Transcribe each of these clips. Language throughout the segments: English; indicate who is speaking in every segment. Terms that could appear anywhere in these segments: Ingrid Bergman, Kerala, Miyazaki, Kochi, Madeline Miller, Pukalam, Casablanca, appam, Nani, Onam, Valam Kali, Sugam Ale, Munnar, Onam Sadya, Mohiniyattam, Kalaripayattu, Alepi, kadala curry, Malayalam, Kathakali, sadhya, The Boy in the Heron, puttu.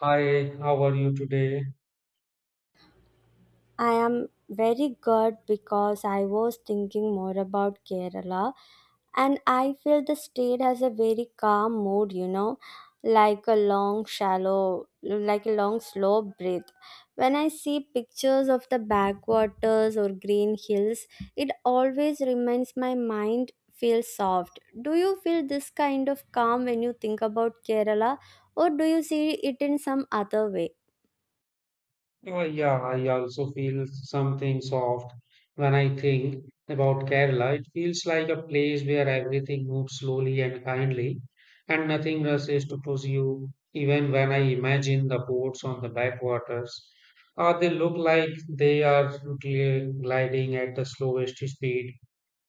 Speaker 1: Hi, how are you today?
Speaker 2: I am very good because I was thinking more about Kerala and I feel the state has a very calm mood, you know, like a long, shallow, like a long, slow breath. When I see pictures of the backwaters or green hills, it always reminds my mind feels soft. Do you feel this kind of calm when you think about Kerala or do you see it in some other way?
Speaker 1: Oh, yeah, I also feel something soft when I think about Kerala. It feels like a place where everything moves slowly and kindly, and nothing rushes to push you. Even when I imagine the boats on the backwaters, they look like they are gliding at the slowest speed,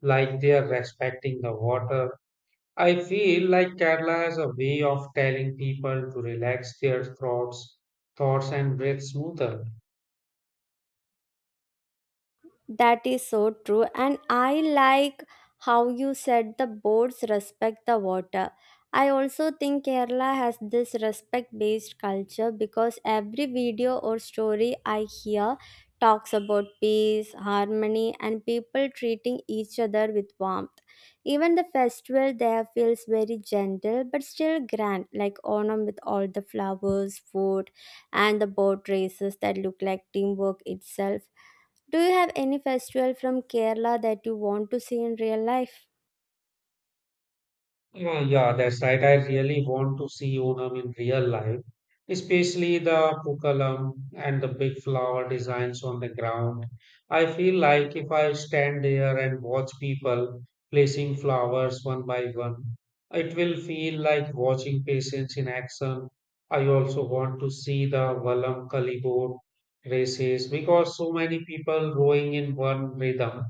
Speaker 1: like they are respecting the water. I feel like Kerala has a way of telling people to relax their thoughts and breathe smoother.
Speaker 2: That is so true. And I like how you said the boards respect the water. I also think Kerala has this respect based culture because every video or story I hear talks about peace, harmony, and people treating each other with warmth. Even the festival there feels very gentle but still grand, like Onam with all the flowers, food, and the boat races that look like teamwork itself. Do you have any festival from Kerala that you want to see in real life?
Speaker 1: Yeah, yeah, that's right. I really want to see Onam in real life, especially the Pukalam and the big flower designs on the ground. I feel like if I stand there and watch people placing flowers one by one, it will feel like watching patients in action. I also want to see the Valam Kali boat races because so many people rowing in one rhythm.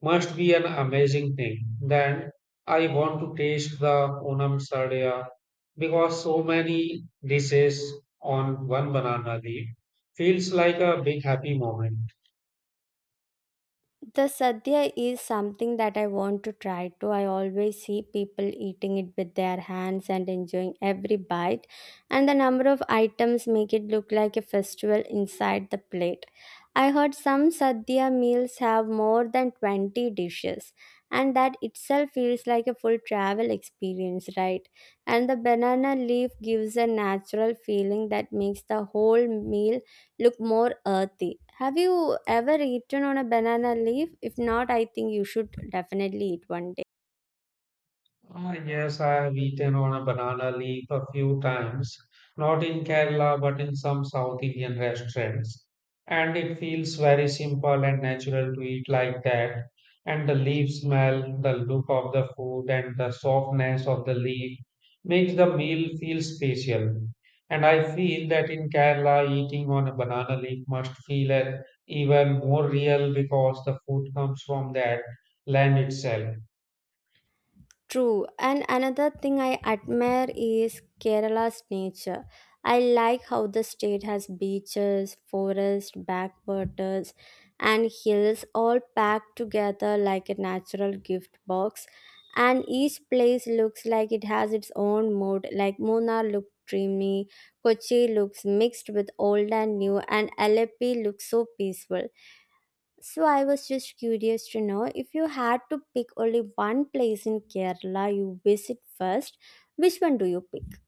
Speaker 1: Must be an amazing thing. Then I want to taste the Onam Sadya because so many dishes on one banana leaf feels like a big happy moment.
Speaker 2: The sadhya is something that I want to try to. I always see people eating it with their hands and enjoying every bite, and the number of items make it look like a festival inside the plate. I heard some sadhya meals have more than 20 dishes, and that itself feels like a full travel experience, right? And the banana leaf gives a natural feeling that makes the whole meal look more earthy. Have you ever eaten on a banana leaf? If not, I think you should definitely eat one day.
Speaker 1: Ah, yes, I have eaten on a banana leaf a few times, not in Kerala but in some South Indian restaurants. And it feels very simple and natural to eat like that. And the leaf smell, the look of the food, and the softness of the leaf makes the meal feel special. And I feel that in Kerala, eating on a banana leaf must feel even more real because the food comes from that land itself.
Speaker 2: True, and another thing I admire is Kerala's nature. I like how the state has beaches, forests, backwaters, and hills all packed together like a natural gift box. And each place looks like it has its own mood, like Munnar looked dreamy, Kochi looks mixed with old and new, and Alepi looks so peaceful. So I was just curious to know if you had to pick only one place in Kerala you visit first, which one do you pick?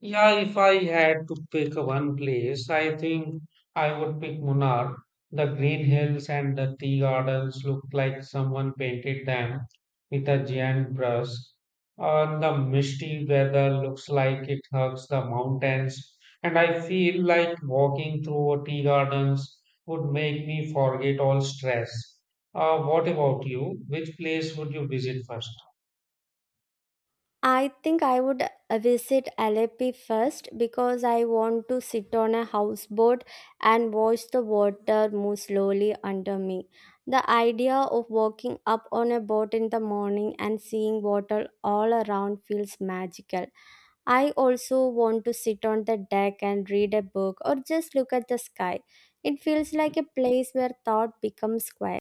Speaker 1: Yeah, if I had to pick one place, I think I would pick Munnar. The green hills and the tea gardens look like someone painted them with a giant brush. And the misty weather looks like it hugs the mountains. And I feel like walking through tea gardens would make me forget all stress. What about you? Which place would you visit first?
Speaker 2: I think I would visit Alepi first because I want to sit on a houseboat and watch the water move slowly under me. The idea of walking up on a boat in the morning and seeing water all around feels magical. I also want to sit on the deck and read a book or just look at the sky. It feels like a place where thought becomes quiet.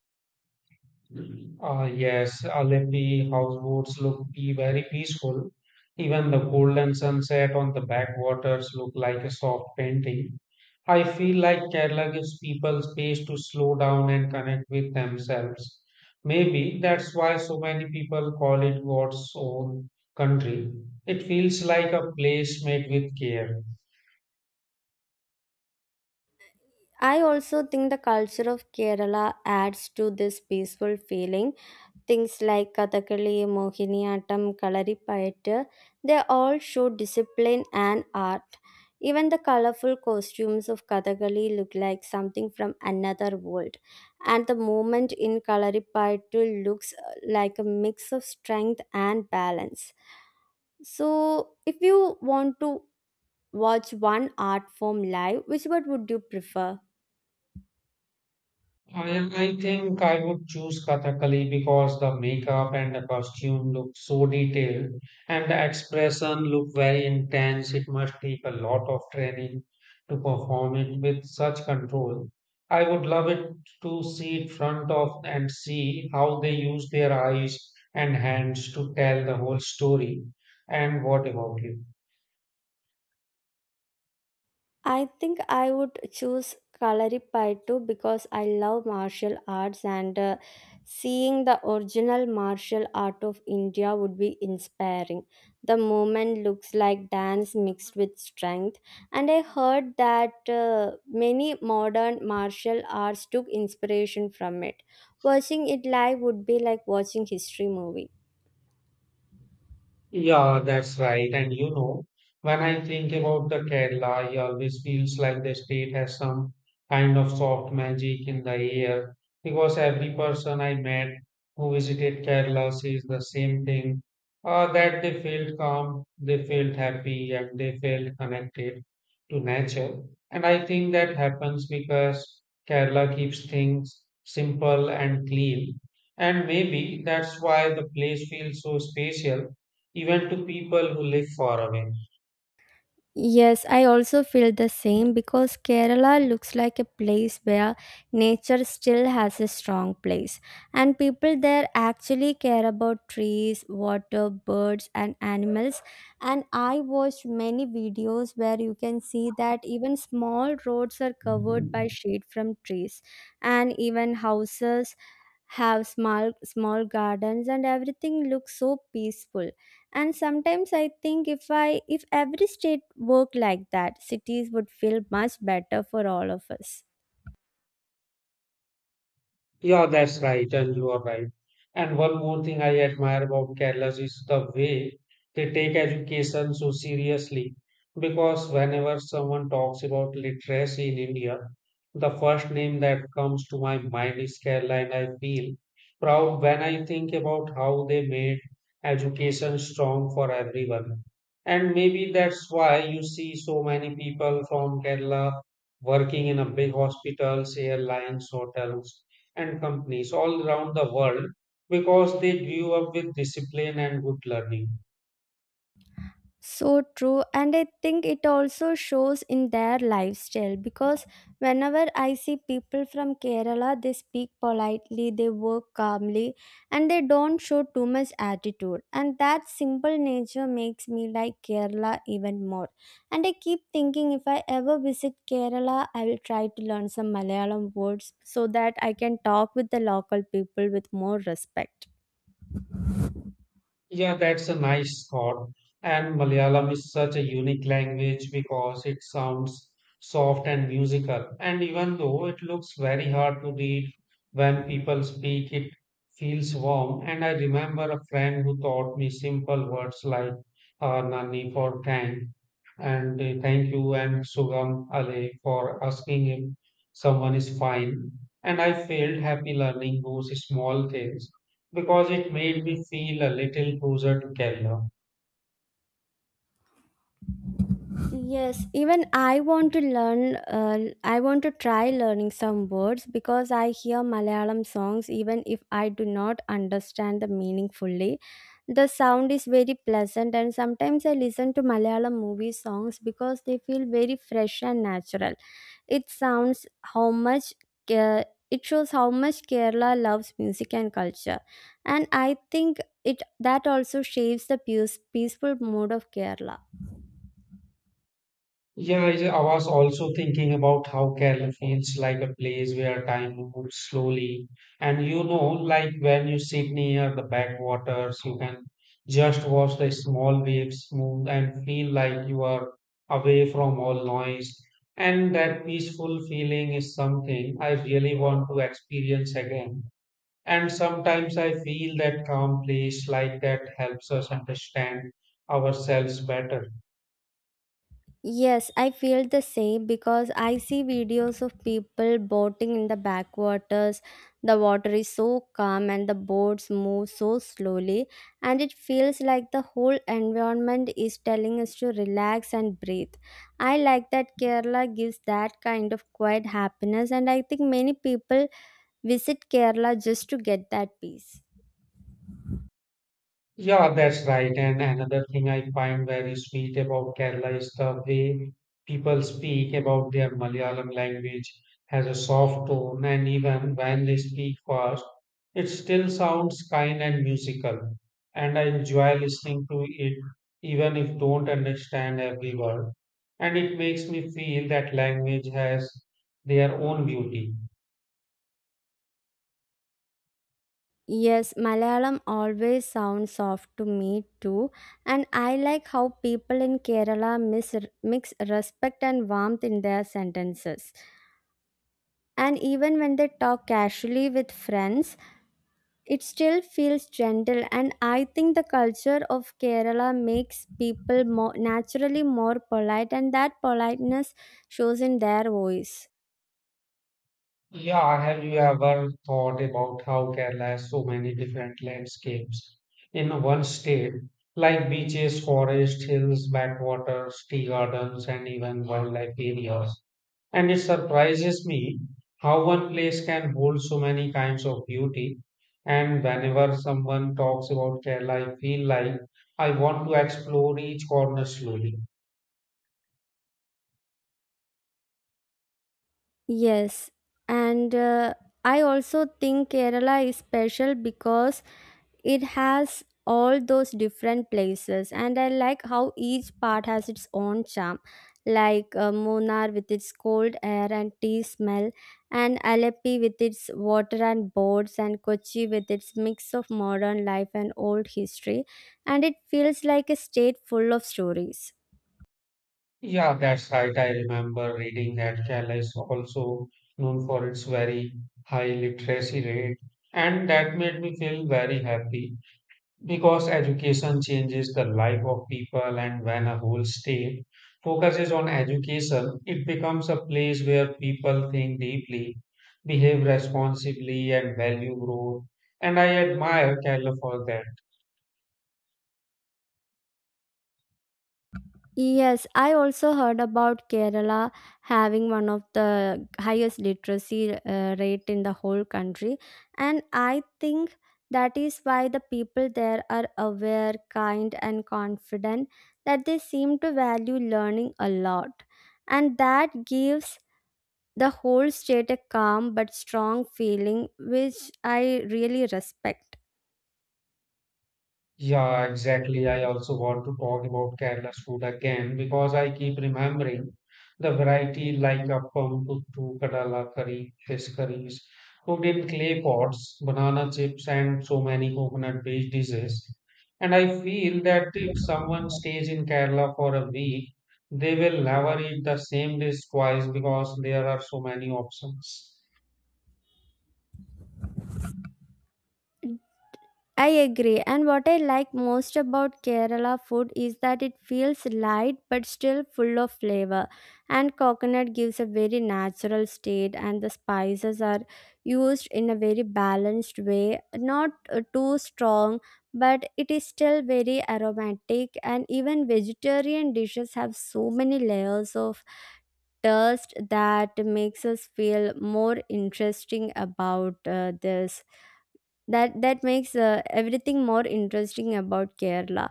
Speaker 1: Ah, yes, Alepi houseboats look be very peaceful. Even the golden sunset on the backwaters look like a soft painting. I feel like Kerala gives people space to slow down and connect with themselves. Maybe that's why so many people call it God's own country. It feels like a place made with care.
Speaker 2: I also think the culture of Kerala adds to this peaceful feeling. Things like Kathakali, Mohiniyattam, Kalaripayattu, they all show discipline and art. Even the colorful costumes of Kathakali look like something from another world. And the movement in Kalaripayattu looks like a mix of strength and balance. So, if you want to watch one art form live, which one would you prefer?
Speaker 1: I think I would choose Kathakali because the makeup and the costume look so detailed and the expression look very intense. It must take a lot of training to perform it with such control. I would love it to see it front of and see how they use their eyes and hands to tell the whole story. And what about you?
Speaker 2: I think I would choose Kalaripayattu because I love martial arts and seeing the original martial art of India would be inspiring. The movement looks like dance mixed with strength, and I heard that many modern martial arts took inspiration from it. Watching it live would be like watching history movie.
Speaker 1: Yeah, that's right. And you know, when I think about the Kerala, it always feels like the state has some kind of soft magic in the air because every person I met who visited Kerala says the same thing, that they felt calm, they felt happy, and they felt connected to nature. And I think that happens because Kerala keeps things simple and clean. And maybe that's why the place feels so special even to people who live far away.
Speaker 2: Yes, I also feel the same because Kerala looks like a place where nature still has a strong place. And people there actually care about trees, water, birds, and animals. And I watched many videos where you can see that even small roads are covered by shade from trees, and even houses have small small gardens, and everything looks so peaceful. And sometimes I think if every state worked like that, cities would feel much better for all of us.
Speaker 1: Yeah, that's right, and you are right. And one more thing I admire about Kerala is the way they take education so seriously. Because whenever someone talks about literacy in India, the first name that comes to my mind is Kerala, and I feel proud when I think about how they made education strong for everyone. And maybe that's why you see so many people from Kerala working in a big hospitals, airlines, hotels and companies all around the world because they grew up with discipline and good learning.
Speaker 2: So true, and I think it also shows in their lifestyle because whenever I see people from Kerala, they speak politely, they work calmly, and they don't show too much attitude. And that simple nature makes me like Kerala even more. And I keep thinking if I ever visit Kerala, I will try to learn some Malayalam words so that I can talk with the local people with more respect.
Speaker 1: Yeah, that's a nice thought. And Malayalam is such a unique language because it sounds soft and musical. And even though it looks very hard to read when people speak, it feels warm. And I remember a friend who taught me simple words like Nani for thank and thank you and Sugam Ale for asking if someone is fine. And I felt happy learning those small things because it made me feel a little closer to Kerala.
Speaker 2: Yes, even I want to learn, I want to try learning some words because I hear Malayalam songs even if I do not understand the meaning fully. The sound is very pleasant, and sometimes I listen to Malayalam movie songs because they feel very fresh and natural. It sounds how much care it shows how much Kerala loves music and culture, and I think it that also shapes the peaceful mood of Kerala.
Speaker 1: Yeah, I was also thinking about how Kerala feels like a place where time moves slowly. And you know, like when you sit near the backwaters, you can just watch the small waves move and feel like you are away from all noise. And that peaceful feeling is something I really want to experience again. And sometimes I feel that calm place like that helps us understand ourselves better.
Speaker 2: Yes, I feel the same because I see videos of people boating in the backwaters. The water is so calm and the boats move so slowly, and it feels like the whole environment is telling us to relax and breathe. I like that Kerala gives that kind of quiet happiness, and I think many people visit Kerala just to get that peace.
Speaker 1: Yeah, that's right. And another thing I find very sweet about Kerala is the way people speak about their Malayalam language has a soft tone, and even when they speak fast, it still sounds kind and musical. And I enjoy listening to it, even if don't understand every word. And it makes me feel that language has their own beauty.
Speaker 2: Yes, Malayalam always sounds soft to me too, and I like how people in Kerala mix respect and warmth in their sentences. And even when they talk casually with friends, it still feels gentle. And I think the culture of Kerala makes people more naturally more polite, and that politeness shows in their voice.
Speaker 1: Yeah, have you ever thought about how Kerala has so many different landscapes in one state, like beaches, forests, hills, backwaters, tea gardens, and even wildlife areas? And it surprises me how one place can hold so many kinds of beauty. And whenever someone talks about Kerala, I feel like I want to explore each corner slowly.
Speaker 2: Yes, and I also think Kerala is special because it has all those different places, and I like how each part has its own charm, like Munnar with its cold air and tea smell, and Aleppi with its water and boats, and Kochi with its mix of modern life and old history, and it feels like a state full of stories.
Speaker 1: Yeah, that's right. I remember reading that Kerala is also known for its very high literacy rate, and that made me feel very happy because education changes the life of people. And when a whole state focuses on education, it becomes a place where people think deeply, behave responsibly, and value growth. And I admire Kerala for that.
Speaker 2: Yes, I also heard about Kerala having one of the highest literacy rate in the whole country, and I think that is why the people there are aware, kind, and confident that they seem to value learning a lot, and that gives the whole state a calm but strong feeling, which I really respect.
Speaker 1: Yeah, exactly. I also want to talk about Kerala's food again because I keep remembering the variety like appam, puttu, kadala curry, fish curries, cooked in clay pots, banana chips, and so many coconut-based dishes. And I feel that if someone stays in Kerala for a week, they will never eat the same dish twice because there are so many options.
Speaker 2: I agree. And what I like most about Kerala food is that it feels light but still full of flavor. And coconut gives a very natural state, and the spices are used in a very balanced way, not too strong, but it is still very aromatic. And even vegetarian dishes have so many layers of taste that makes us feel more interesting about this that that makes everything more interesting about Kerala.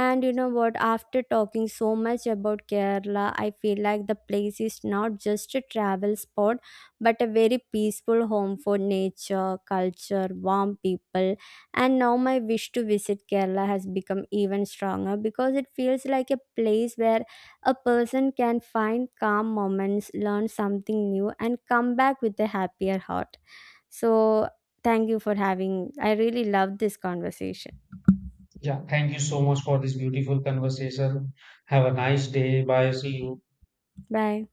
Speaker 2: And you know what, after talking so much about Kerala, I feel like the place is not just a travel spot but a very peaceful home for nature, culture, warm people, and now my wish to visit Kerala has become even stronger because it feels like a place where a person can find calm moments, learn something new, and come back with a happier heart. So, thank you for having. I really loved this conversation.
Speaker 1: Yeah, thank you so much for this beautiful conversation. Have a nice day. Bye. See you.
Speaker 2: Bye.